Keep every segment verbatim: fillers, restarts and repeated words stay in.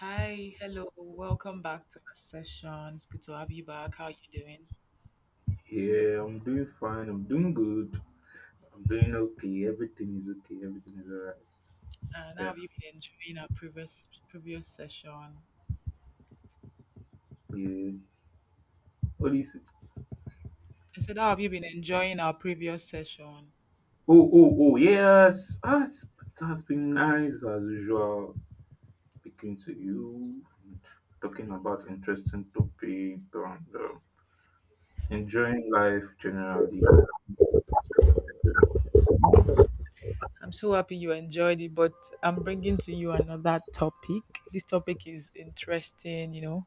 Hi, hello, welcome back to our session. It's good to have you back. How are you doing? Yeah, I'm doing fine. I'm doing good. I'm doing okay. Everything is okay. Everything is alright. And how Yeah, have you been enjoying our previous previous session? yeah. What is it? I said, how have you been enjoying our previous session? Oh, oh, oh, yes. Ah, it's, it has been nice as usual speaking to you, talking about interesting topic and uh, enjoying life generally. I'm so happy you enjoyed it, but I'm bringing to you another topic. This topic is interesting, you know.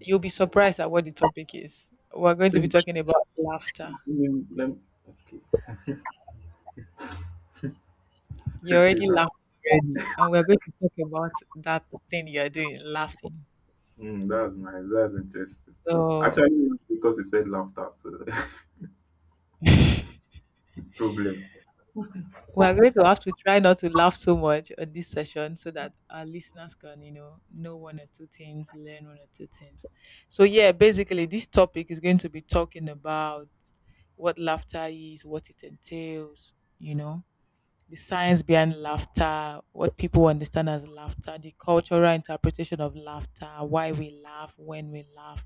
You'll be surprised at what the topic is. We're going So, to let be talking about laughter. me, let me- okay, You okay, already laughed that's, already, and we're going to talk about that thing you're doing, laughing. mm, that's nice. That's interesting. So Actually, because it said laughter, so problem. we are going to have to try not to laugh so much on this session so that our listeners can, you know, know one or two things, learn one or two things. So, yeah, basically, this topic is going to be talking about what laughter is, what it entails, you know, the science behind laughter, what people understand as laughter, the cultural interpretation of laughter, why we laugh, when we laugh,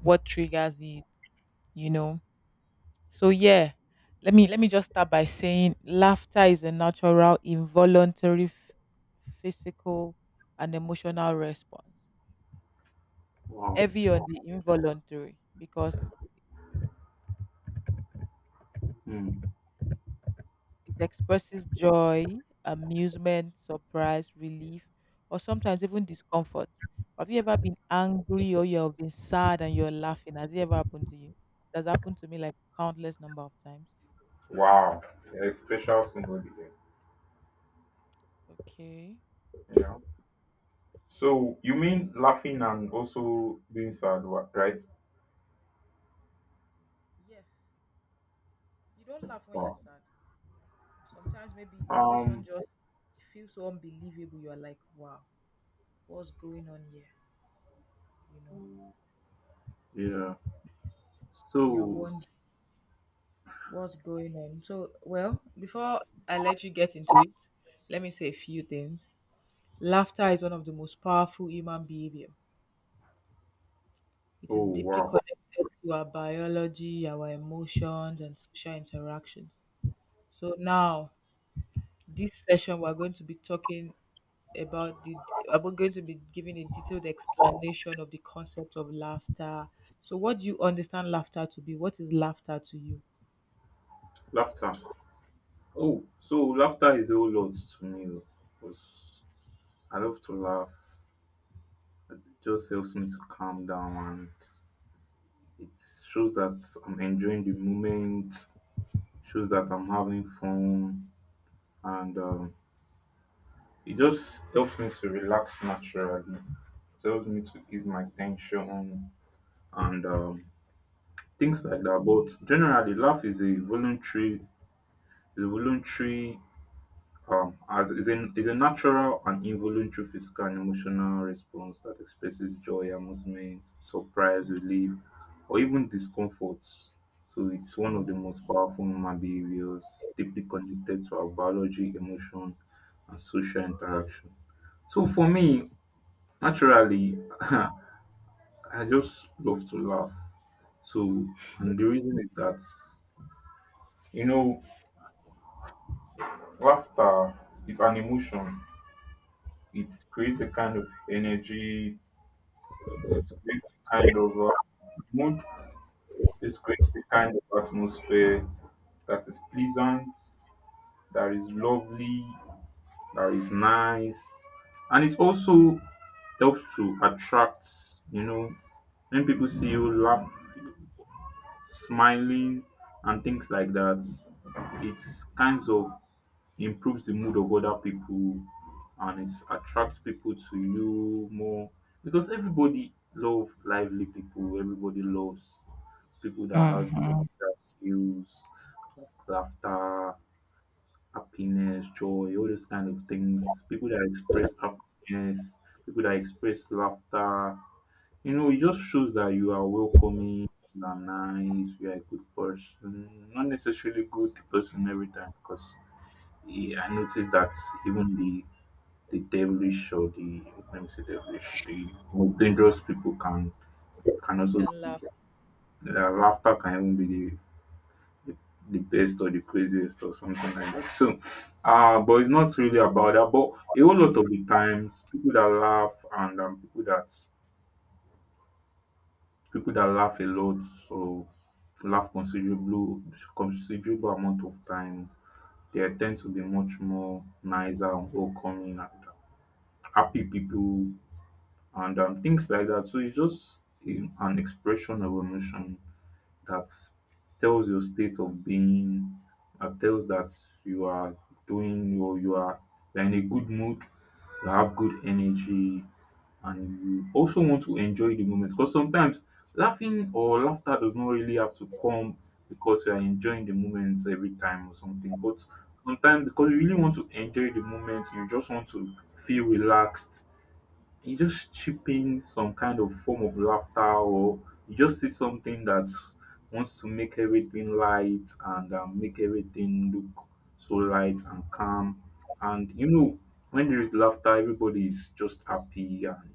what triggers it, you know so yeah, let me let me just start by saying laughter is a natural, involuntary, f- physical, and emotional response. Wow. Heavy on the involuntary because Hmm. it expresses joy, amusement, surprise, relief, or sometimes even discomfort. Have you ever been angry or you've been sad and you're laughing? Has it ever happened to you? It has happened to me like countless number of times. Wow. A special somebody there. Okay. Yeah. So yeah, So you mean laughing and also being sad, wa- right? yes. You don't laugh when you're Wow. sad. Sometimes maybe the situation Um. just feels so unbelievable. You're like, wow, what's going on here? You know, like, Yeah. you're So, wondering what's going on. So, well, before I let you get into it, let me say a few things. Laughter is one of the most powerful human behavior. It oh is deeply wow. connected to our biology, our emotions, and social interactions. So now, this session, we're going to be talking about the about going to be giving a detailed explanation of the concept of laughter. So, what do you understand laughter to be? What is laughter to you? Laughter. Oh, so laughter is a whole lot to me though, because I love to laugh. It just helps me to calm down and it shows that I'm enjoying the moment, shows that I'm having fun and um It just helps me to relax naturally. It helps me to ease my tension and um, things like Mm. that. But generally, laugh is a voluntary, is a voluntary, um, as is a is a natural and involuntary physical and emotional response that expresses joy, amusement, surprise, relief, or even discomforts. So it's one of the most powerful human behaviors, deeply connected to our biology, emotion, and social interaction. So for me, naturally, I just love to laugh. So, and the reason is that, you know, laughter is an emotion. It creates a kind of energy, it creates a kind of uh, mood, it creates a kind of atmosphere that is pleasant, that is lovely, that is nice. And it also helps to attract, you know, when people see you laugh smiling and things like that. It's kinds of improves the mood of other people, and it attracts people to you more because everybody loves lively people. Everybody loves people that has good Mm. skills, laughter, happiness, joy, all those kind of things. People that express happiness, people that express laughter, you know, it just shows that you are welcoming, you are nice, you are a good person. Not necessarily good person every time, because I noticed that even the the devilish or the, let me say devilish, the most dangerous people can can also, Can laugh. their laughter can even be the, the the best or the craziest or something like that. So, uh but it's not really about that. But a whole lot of the times, people that laugh and um, people that people that laugh a lot, so laugh considerable considerable amount of time, they tend to be much more nicer and welcoming and happy people, and um, things like that. So it's just um, an expression of emotion that tells your state of being, that tells that you are doing or you are, you're in a good mood, you have good energy, and you also want to enjoy the moment. Because sometimes laughing or laughter does not really have to come because you are enjoying the moment every time or something. But sometimes because you really want to enjoy the moment, you just want to feel relaxed, you just chip in some kind of form of laughter, or you just see something that wants to make everything light and um, make everything look so light and calm, and you know when there is laughter, everybody is just happy and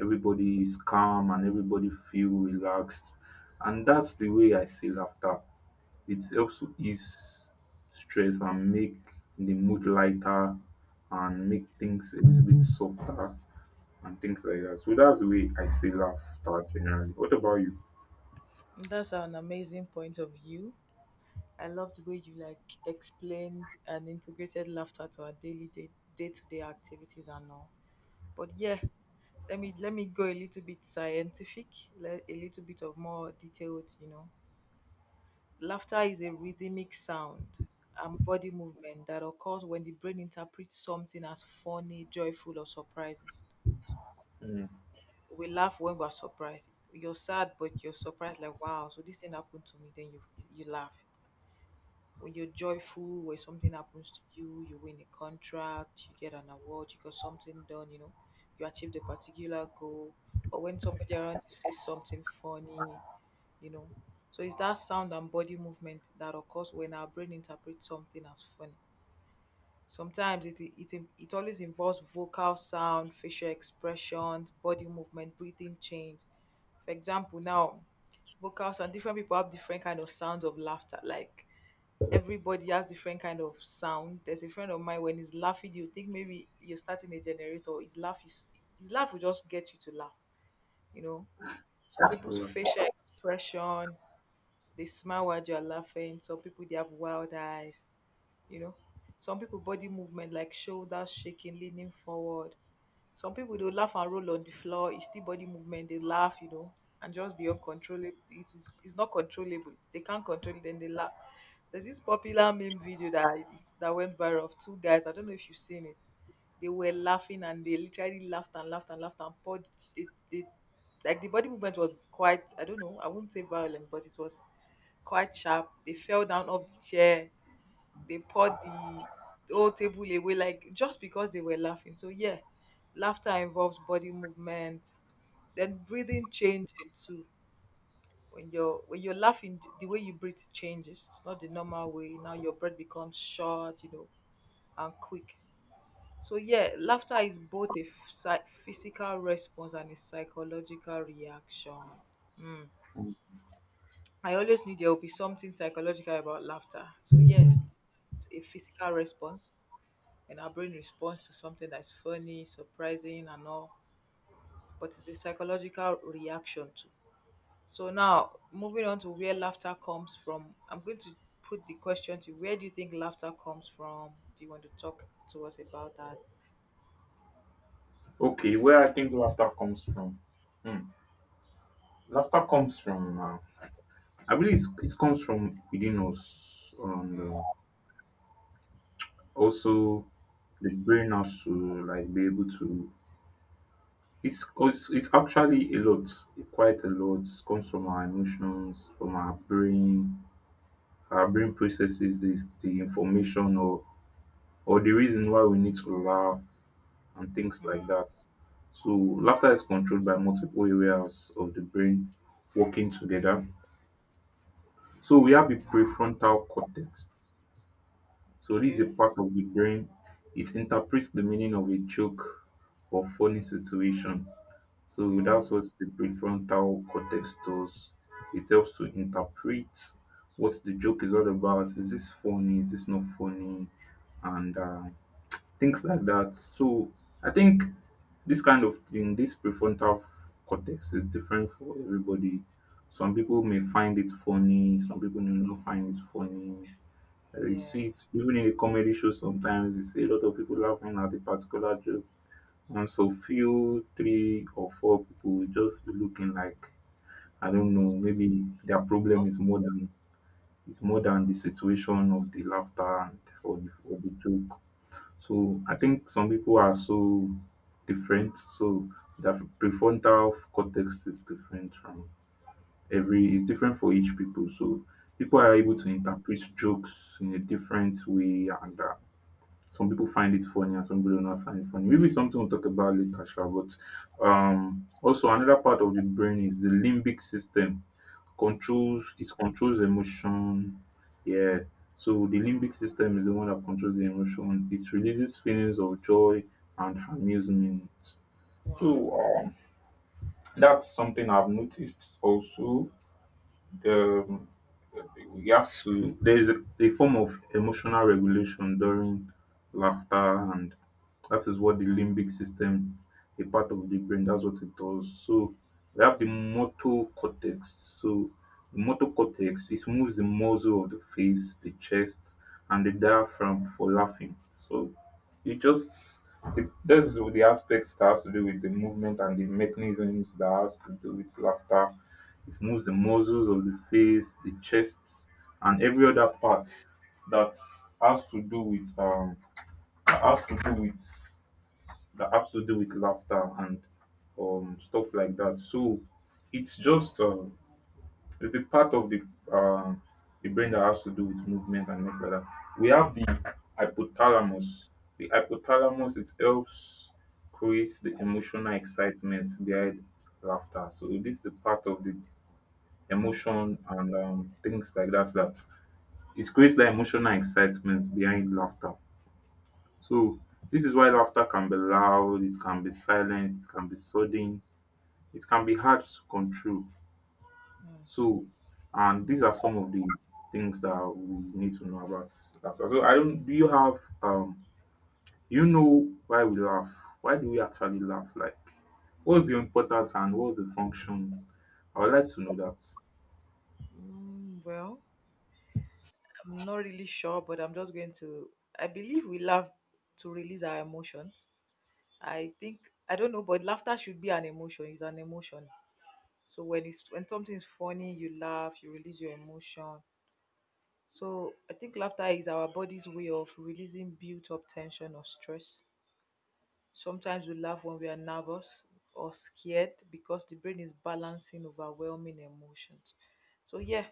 everybody is calm and everybody feel relaxed, and that's the way I see laughter. It helps to ease stress and make the mood lighter and make things a little bit softer and things like that. So that's the way I see laughter generally. What about you? That's an amazing point of view. I love the way you like explained and integrated laughter to our daily day day to day activities and all. But yeah, let me let me go a little bit scientific, le- a little bit of more detailed, you know. Laughter is a rhythmic sound and body movement that occurs when the brain interprets something as funny, joyful, or surprising. Mm. We laugh when we're surprised. You're sad, but you're surprised, like, wow, so this thing happened to me. Then you, you laugh. When you're joyful, when something happens to you, you win a contract, you get an award, you got something done, you know, you achieved a particular goal. But when somebody around you says something funny, you know. So it's that sound and body movement that occurs when our brain interprets something as funny. Sometimes it it, it, it always involves vocal sound, facial expressions, body movement, breathing change. For example, now vocals and different people have different kind of sounds of laughter. Like everybody has different kind of sound. There's a friend of mine when he's laughing, you think maybe you're starting a generator. His laugh is his laugh will just get you to laugh, you know. Some What people's about- facial expression, they smile while you're laughing. Some people they have wild eyes you know some people body movement like shoulders shaking, leaning forward. Some people they laugh and roll on the floor. It's still body movement, they laugh you know and just be uncontrollable. It is it's not controllable, they can't control it, then they laugh. There's this popular meme video that is, that went viral of two guys, I don't know if you've seen it. They were laughing and they literally laughed and laughed and laughed and poured they, they like the body movement was quite, I don't know, I wouldn't say violent, but it was quite sharp. They fell down off the chair, they poured the whole table away, like just because they were laughing. So yeah, laughter involves body movement, then breathing changing too. When you're when you're laughing the way you breathe changes, it's not the normal way now, your breath becomes short you know and quick. So yeah, laughter is both a psy- physical response and a psychological reaction. Mm. I always knew there will be something psychological about laughter. So yes, it's a physical response and our brain responds to something that's funny, surprising, and all. But it's a psychological reaction too. So now, moving on to where laughter comes from, I'm going to put the question to where do you think laughter comes from? Do you want to talk to us about that? okay, where I think laughter comes from. Hmm. Laughter comes from, uh, I believe it's, it comes from within us, and uh, also the brain has to like be able to. It's, it's it's actually a lot, quite a lot. It comes from our emotions, from our brain. Our brain processes the the information or or the reason why we need to laugh and things like that. So laughter is controlled by multiple areas of the brain working together. So we have the prefrontal cortex. So this is a Okay. part of the brain. It interprets the meaning of a joke or funny situation. So that's Mm, what the prefrontal cortex does. It helps to interpret what the joke is all about. Is this funny? Is this not funny? And uh, things like that. So I think this kind of thing, this prefrontal cortex is different for everybody. Some people may find it funny, some people may not find it funny. Uh, You yeah. see it even in the comedy show, sometimes you see a lot of people laughing at a particular joke. And so few, three or four people will just be looking like, I don't That know, was maybe their problem tough. is more than, it's more than the situation of the laughter and or the, or the joke. So I think some people are so different. So their prefrontal cortex is different from every, it's different for each people. So people are able to interpret jokes in a different way, and uh, some people find it funny and some people do not find it funny. Maybe something we'll talk about later, sure. But um also another part of the brain is the limbic system, controls, it controls emotion. Yeah. So the limbic system is the one that controls the emotion. It releases feelings of joy and amusement. Wow. So um, that's something I've noticed also. Um, you have to, there is a, a form of emotional regulation during laughter, and that is what the limbic system, a part of the brain, that's what it does. So we have the motor cortex. So the motor cortex, it moves the muscle of the face, the chest, and the diaphragm for laughing. So it just it, that's the aspects that has to do with the movement and the mechanisms that has to do with laughter. It moves the muscles of the face, the chest, and every other part that has to do with um that has to do with that has to do with laughter and um stuff like that. So it's just um it's the part of the uh the brain that has to do with movement and things like that. We have the hypothalamus. The hypothalamus, it helps create the emotional excitement behind laughter. So this is the part of the emotion, and um, things like that. So that it creates that emotional excitement behind laughter. So this is why laughter can be loud, it can be silent, it can be sudden, it can be hard to control. So, and these are some of the things that we need to know about laughter. So I don't, do you have um you know, why we laugh, why do we actually laugh, like what's the importance and what's the function? I would like to know that. Mm, well, I'm not really sure, but I'm just going to. I believe we laugh to release our emotions. I think I don't know, but laughter should be an emotion. It's an emotion. So when it's when something is funny, you laugh, you release your emotion. So I think laughter is our body's way of releasing built-up tension or stress. Sometimes we laugh when we are nervous or scared because the brain is balancing overwhelming emotions. So yeah,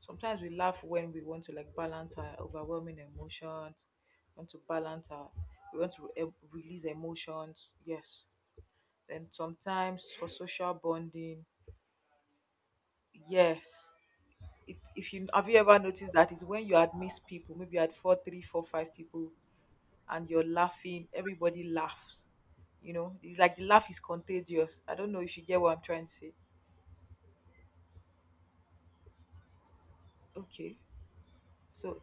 sometimes we laugh when we want to like balance our overwhelming emotions, want to balance our we want to re- release emotions. Yes. Then sometimes for social bonding, yes, it, if you have you ever noticed that is when you had missed people, maybe you had four three four five people and you're laughing, everybody laughs you know it's like the laugh is contagious. I don't know if you get what I'm trying to say. Okay, so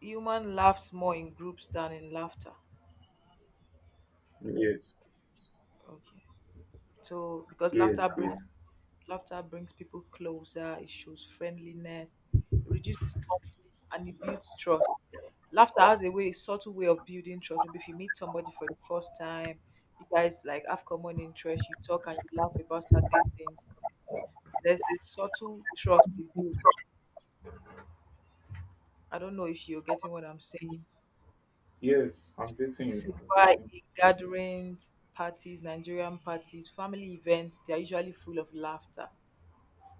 human laughs more in groups than in laughter. Yes, Okay, so because laughter yes, brings yes. Laughter brings people closer, it shows friendliness, it reduces conflict, and it builds trust. Laughter has a way, a subtle way of building trust. Maybe if you meet somebody for the first time, you guys like have common interests, you talk and you laugh about certain things. There's a subtle trust it builds. I don't know if you're getting what I'm saying. Yes, I'm dating This you. is I'm why dating. in gatherings, parties, Nigerian parties, family events, they are usually full of laughter.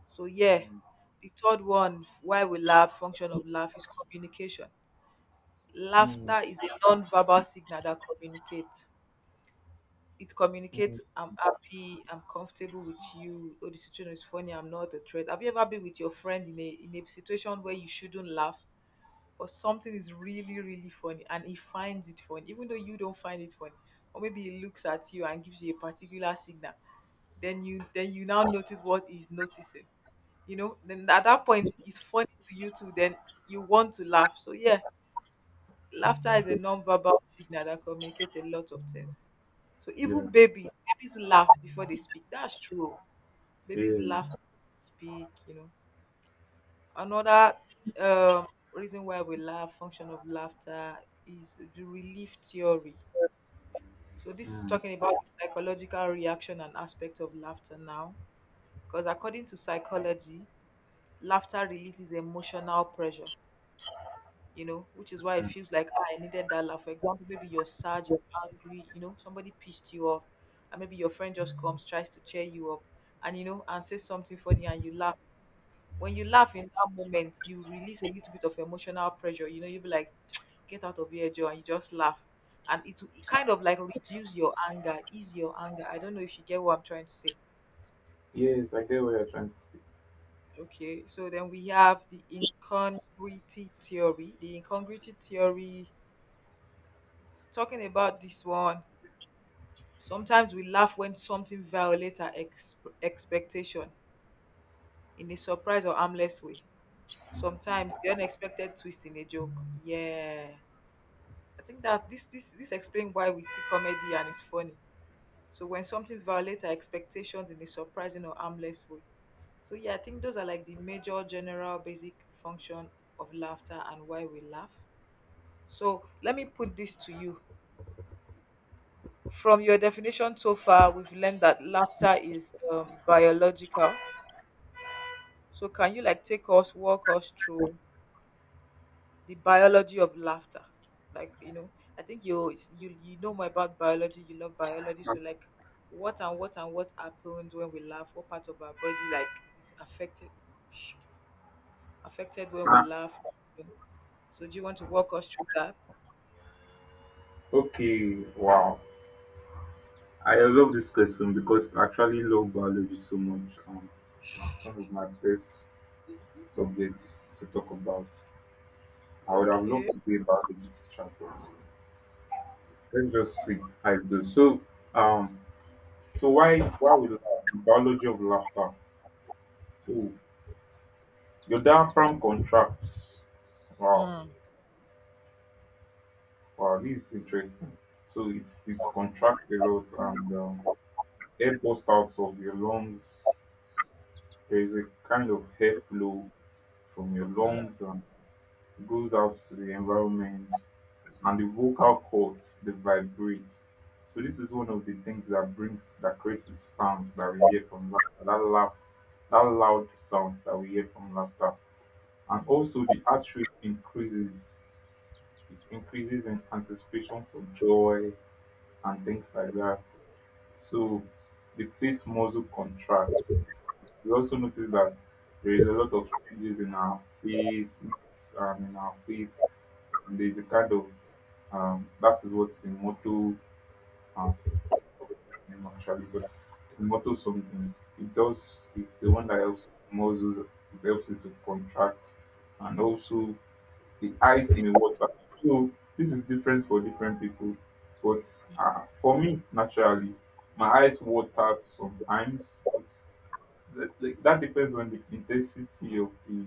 So yeah, the third one, why we laugh, function of laugh is communication. Mm, Laughter mm, is a non-verbal signal that communicates. It mm. communicates I'm happy, I'm comfortable with you, or the situation is funny, I'm not a threat. Have you ever been with your friend in a in a situation where you shouldn't laugh, but something is really, really funny and he finds it funny, even though you don't find it funny? Or maybe he looks at you and gives you a particular signal. Then you then you now notice what he's noticing you know then at that point it's funny to you too, then you want to laugh. So yeah, laughter is a non-verbal signal that communicates a lot of things. So even Yeah. babies babies laugh before they speak. That's true. Babies laugh Yes. before they speak you know Another um reason why we laugh, function of laughter, is the relief theory. So this is Mm. talking about the psychological reaction and aspect of laughter now, because according to psychology, laughter releases emotional pressure you know, which is why it feels like ah, I needed that laugh. For example, maybe you're sad, you're angry, you know, somebody pissed you off, and maybe your friend just comes, tries to cheer you up, and you know, and says something funny, and you laugh. When you laugh in that moment, you release a little bit of emotional pressure. You know, you'll be like, "Get out of here, Joe," and you just laugh, and it will it kind of like reduce your anger, ease your anger. I don't know if you get what I'm trying to say. Yes, I get what you're trying to say. Okay, so then we have the incongruity theory. The incongruity theory, talking about this one, sometimes we laugh when something violates our ex- expectation in a surprise or harmless way. Sometimes the unexpected twist in a joke. Yeah. I think that this this this explains why we see comedy and it's funny. So when something violates our expectations in a surprising or harmless way. So yeah, I think those are like the major general basic function of laughter and why we laugh. So let me put this to you. From your definition so far, we've learned that laughter is um, biological. So can you like take us, walk us through the biology of laughter? Like, you know, I think you it's- you you know more about biology, you love biology. So like what and what and what happens when we laugh, what part of our body like is affected shit, affected when we Ah, laugh. So do you want to walk us through that? okay. Wow. I love this question because I actually love biology so much. Um, it's one of my best subjects to talk about. I would have Okay. loved to be a biology teacher, but let's just see how it goes. So, um, so why why we laugh? The biology of laughter. So your diaphragm contracts. Wow. Mm. Wow, this is interesting. So it's it's contracts a lot, and um, air burst out of your lungs. There is a kind of airflow from your lungs and goes out to the environment, and the vocal cords, they vibrate. So this is one of the things that brings, that creates the sound that we hear from laughter, that laugh, that loud sound that we hear from laughter, and also the heart rate increases. It increases in anticipation for joy and things like that. So the face muscle contracts. We also notice that there is a lot of changes in our face and in our face. And there's a kind of um, that is what the motto uh, name actually, but the motto something it does. It's the one that helps muscles. It helps it to contract, and also the eyes may water. So this is different for different people. But uh, for me, naturally, my eyes water sometimes, but that, like, that depends on the intensity of the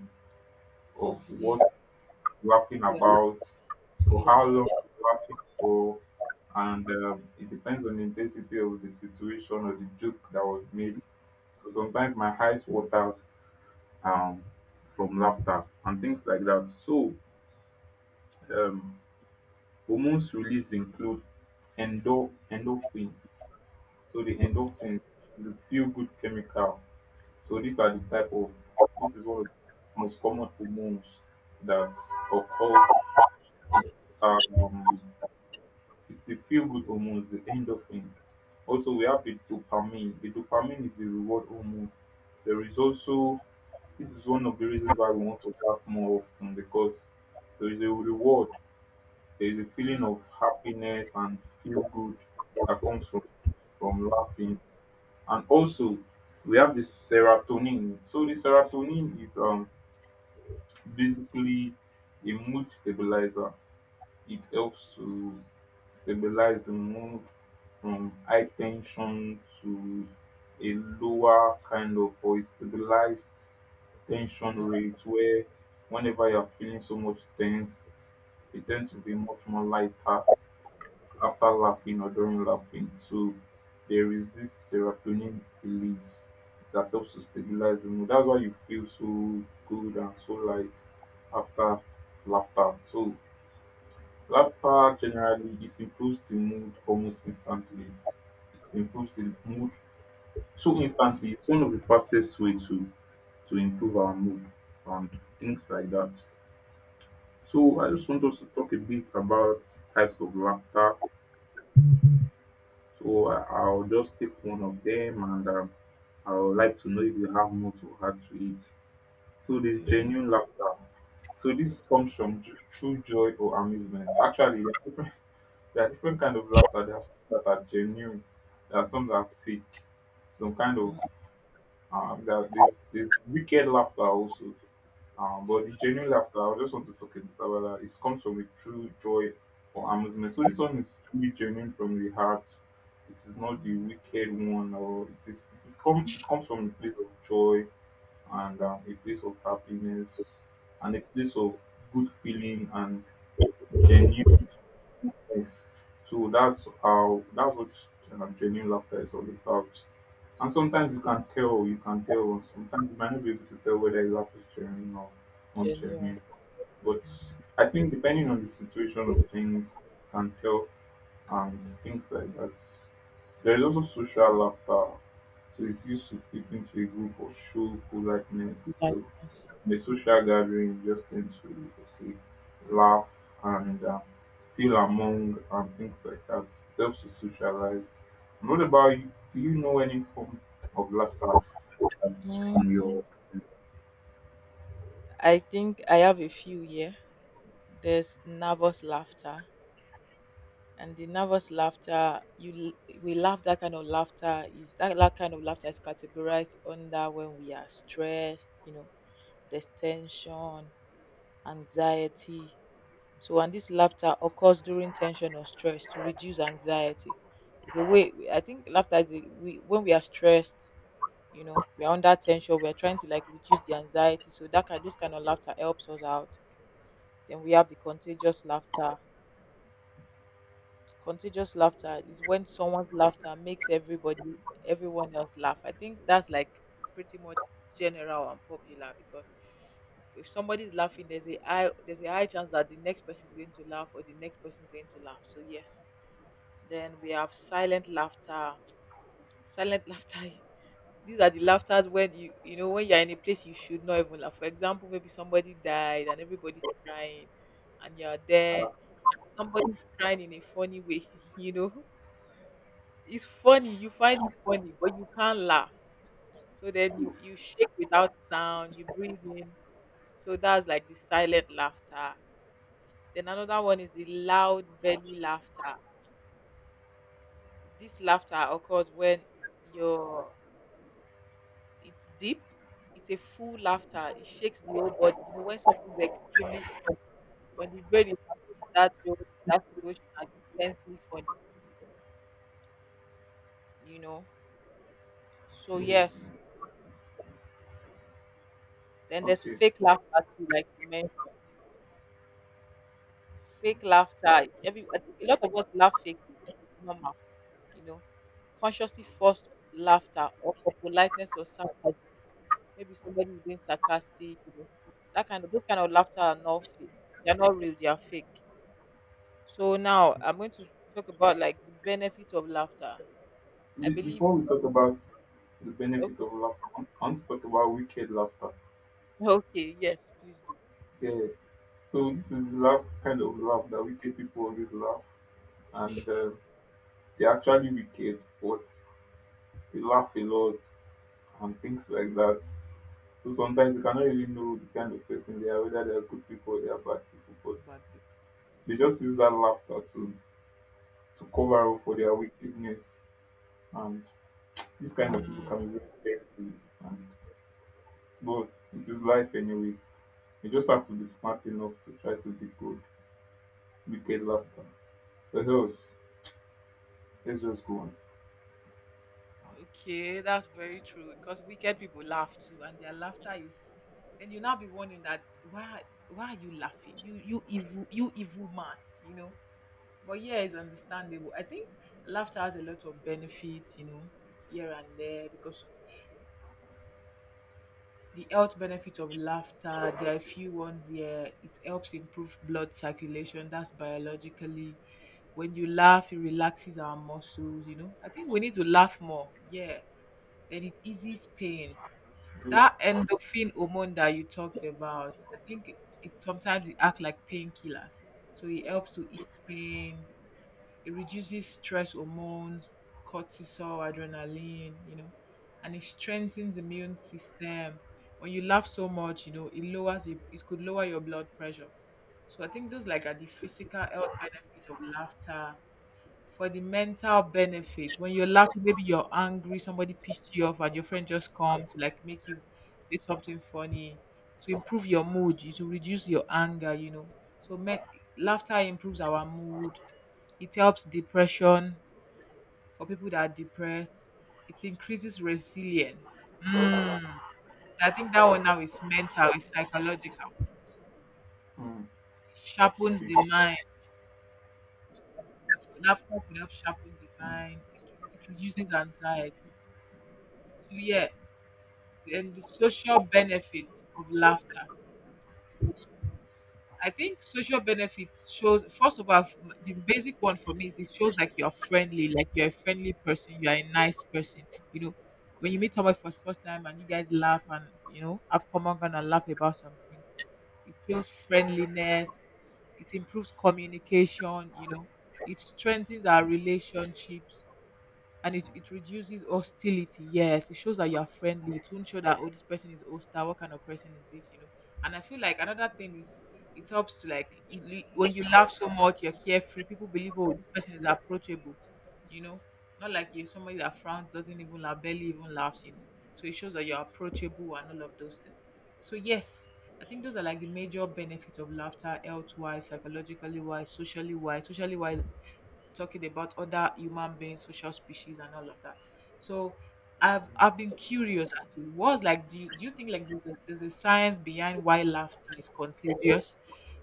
of Of the what's laughing yeah, about, for how long yeah. I'm laughing for, and um, it depends on the intensity of the situation or the joke that was made. So sometimes my eyes waters um, from laughter and things like that. So um, hormones released include endo endorphins. So the endorphins is a feel-good chemical. So these are the type of, this is one of the most common hormones that occurs. Um, it's the feel-good hormones, the endorphins. Also, we have the dopamine. The dopamine is the reward hormone. There is also this is one of the reasons why we want to laugh more often because there is a reward there's a feeling of happiness and feel good that comes from from laughing. And also we have the serotonin. So the serotonin is um basically a mood stabilizer. It helps to stabilize the mood from high tension to a lower kind of or a stabilized tension rate where whenever you're feeling so much tensed you tend to be much more lighter after laughing or during laughing. So there is this serotonin release that helps to stabilize the mood. That's why you feel so good and so light after laughter. So laughter generally it improves the mood almost instantly. It improves the mood so instantly. It's one of the fastest ways to to improve our mood and things like that. So I just want us to talk a bit about types of laughter. So I- I'll just take one of them and um, I would like to know if you have more to add to it. So there's Okay. genuine laughter. So this comes from ju- true joy or amusement. Actually, there are different, there are different kind of laughter. There are some that are genuine. There are some that are fake. Some kind of um, there are this this wicked laughter also. Um, but the genuine laughter, I just want to talk about that. It comes from a true joy or amusement. So this one is truly genuine from the heart. This is not the wicked one, or it is. It is come. It comes from a place of joy and um, a place of happiness and a place of good feeling and genuineness. So that's how. That's what um, genuine laughter is all about. And sometimes you can tell. You can tell. Sometimes you might not be able to tell whether a laugh is genuine or not Genuine. genuine, but I think depending on the situation of things can help and things like that. There is also social laughter. So it's used to fit into a group or show politeness. Like. So in a social gathering, you just tend to okay, laugh and uh, feel among and things like that. It helps to socialize. And what about you? Do you know any form of laughter? Mm, I think I have a few here. There's nervous laughter. And the nervous laughter you l- we laugh that kind of laughter is that, that kind of laughter is categorized under when we are stressed, you know, there's tension, anxiety. So and this laughter occurs during tension or stress to reduce anxiety. It's a way, I think laughter is a, we when we are stressed, you know, we are under tension, we're trying to like reduce the anxiety, so that kind those kind of laughter helps us out. Then we have the contagious laughter. Contagious laughter is when someone's laughter makes everybody everyone else laugh. I think that's like pretty much general and popular because if somebody's laughing, there's a high there's a high chance that the next person is going to laugh or the next person is going to laugh so yes. Then we have silent laughter, silent laughter. These are the laughters when you you know, when you're in a place you should not even laugh. For example, maybe somebody died and everybody's crying and you're there, somebody's crying in a funny way you know, it's funny. You find it funny, but you can't laugh. So then you you shake without sound. You breathe in. So that's like the silent laughter. Then another one is the loud belly laughter. This laughter occurs when your, it's deep. It's a full laughter. It shakes the whole body. You know, when something is extremely funny, when the brain is happy, that joke, that situation as intensely funny. You know. So Yeah. yes. Then there's Okay. fake laughter too, like you mentioned. Fake laughter. Every I think a lot of us laugh fake. It's normal, you know. Consciously forced laughter or for politeness or sarcasm. Maybe somebody is being sarcastic, you know. That kind of those kind of laughter are not fake. They're not real, they are fake. So now I'm going to talk about like the benefit of laughter. I Be- believe Before we talk about the benefit okay, of laughter, I want, I want to talk about wicked laughter. okay, yes, please do. Yeah. So this is laugh kind of laugh that wicked people always laugh, and uh, they're actually wicked, but they laugh a lot and things like that. So sometimes you cannot really know the kind of person they are, whether they are good people or they are bad people, but But they just use that laughter to to cover up for their wickedness. And this kind of people can be mm. very careful. And but it is life anyway. You just have to be smart enough to try to decode wicked laughter, or else let's just go on. Okay, that's very true because wicked people laugh too, and their laughter is. Then you now be wondering that why why are you laughing? You you evil, you evil man, you know. But yeah, it's understandable. I think laughter has a lot of benefits, you know, here and there because it's, the health benefits of laughter. There are a few ones here. It helps improve blood circulation. That's biologically. When you laugh, it relaxes our muscles. You know, I think we need to laugh more. Yeah, then it eases pain. Do- That endorphin hormone that you talked about, I think it, it sometimes it acts like painkillers. So it helps to ease pain. It reduces stress hormones, cortisol, adrenaline, you know, and it strengthens the immune system. When you laugh so much, you know, it lowers it, it could lower your blood pressure. So I think those like are the physical health benefits of laughter. For the mental benefit, when you're laughing, maybe you're angry, somebody pissed you off, and your friend just come to like make you say something funny to improve your mood, you- to reduce your anger, you know. so me- Laughter improves our mood. It helps depression for people that are depressed. It increases resilience. Mm. I think that one now is mental, it's psychological. Mm, It I'll sharpens stay. the mind, laughter could help sharpen the Mm, mind. it, it reduces anxiety, so yeah. And the social benefit of laughter. I think social benefit shows first of all f- the basic one for me is it shows like you're friendly, like you're a friendly person, you're a nice person. You know, when you meet someone for the first time and you guys laugh and you know have common ground and laugh about something, it shows friendliness. It improves communication. You know, it strengthens our relationships and it, it reduces hostility. Yes, it shows that you are friendly. It won't show that oh this person is hostile. What kind of person is this? You know. And I feel like another thing is it helps to like you, you- when you laugh so much, you're carefree. People believe oh this person is approachable. You know, not like you somebody that frowns doesn't even laugh, barely even laughs. You know. So it shows that you're approachable and all of those things. So yes, I think those are like the major benefits of laughter, health wise, psychologically wise, socially wise, socially wise, talking about other human beings, social species, and all of that. So, I've I've been curious as to what's like. Do you, do you think like there's a, there's a science behind why laughter is contagious?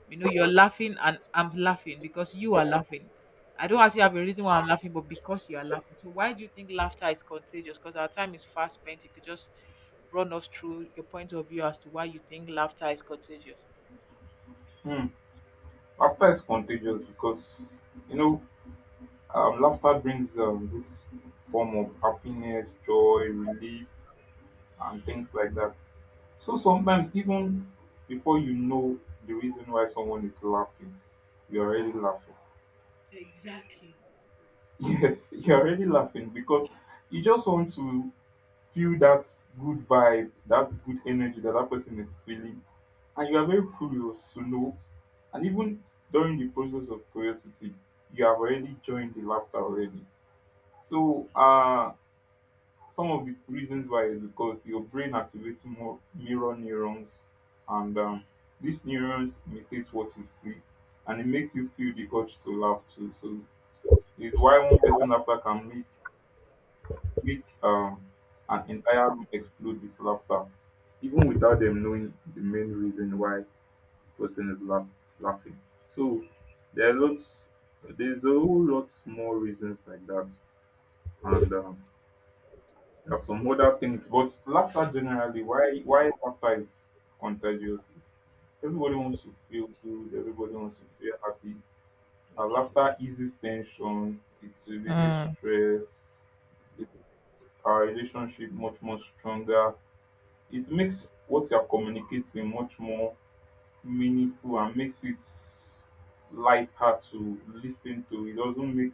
You know, you're laughing and I'm laughing because you are laughing. I don't actually have a reason why I'm laughing, but because you are laughing. So why do you think laughter is contagious? Because our time is fast spent. You could just run us through your point of view as to why you think laughter is contagious. mm. Laughter is contagious because you know um, laughter brings um, this form of happiness, joy, relief, and things like that. So sometimes even before you know the reason why someone is laughing, you're already laughing. Exactly. Yes, you're already laughing because you just want to feel that good vibe, that good energy that that person is feeling. And you are very curious to know. And even during the process of curiosity, you have already joined the laughter already. So, uh, some of the reasons why is because your brain activates more mirror neurons, and um, these neurons imitate what you see, and it makes you feel the urge to laugh too. So, it's why one person laughter can make make um, an entire room explode with laughter, even without them knowing the main reason why person is laugh- laughing. So there are lots, there's a whole lot more reasons like that, and um, there are some other things. But laughter generally, why why laughter is contagious is everybody wants to feel good, everybody wants to feel happy, her laughter eases tension, it releases Mm. stress, it's our relationship much more stronger. It makes what you're communicating much more meaningful and makes it lighter to listen to. It doesn't make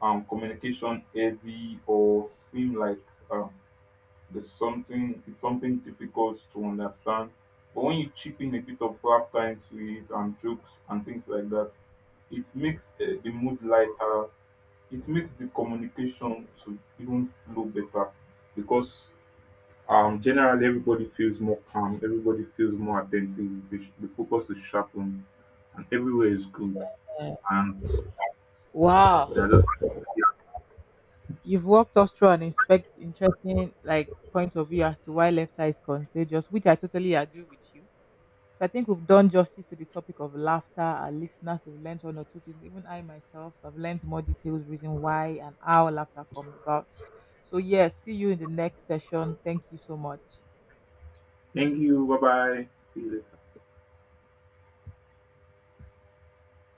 um communication heavy or seem like um there's something it's something difficult to understand. But when you chip in a bit of laugh time to it and jokes and things like that, it makes uh, the mood lighter. It makes the communication to even flow better because um, generally everybody feels more calm. Everybody feels more attentive. The, sh- the focus is sharpened, and everywhere is good. And Wow. they are just like, yeah. You've walked us through an inspect interesting like point of view as to why laughter is contagious, which I totally agree with you. So I think we've done justice to the topic of laughter. Our listeners have learned one or two things. Even I myself have learned more details, reason why and how laughter comes about. So yes, see you in the next session. Thank you so much. Thank you. Bye bye. See you later.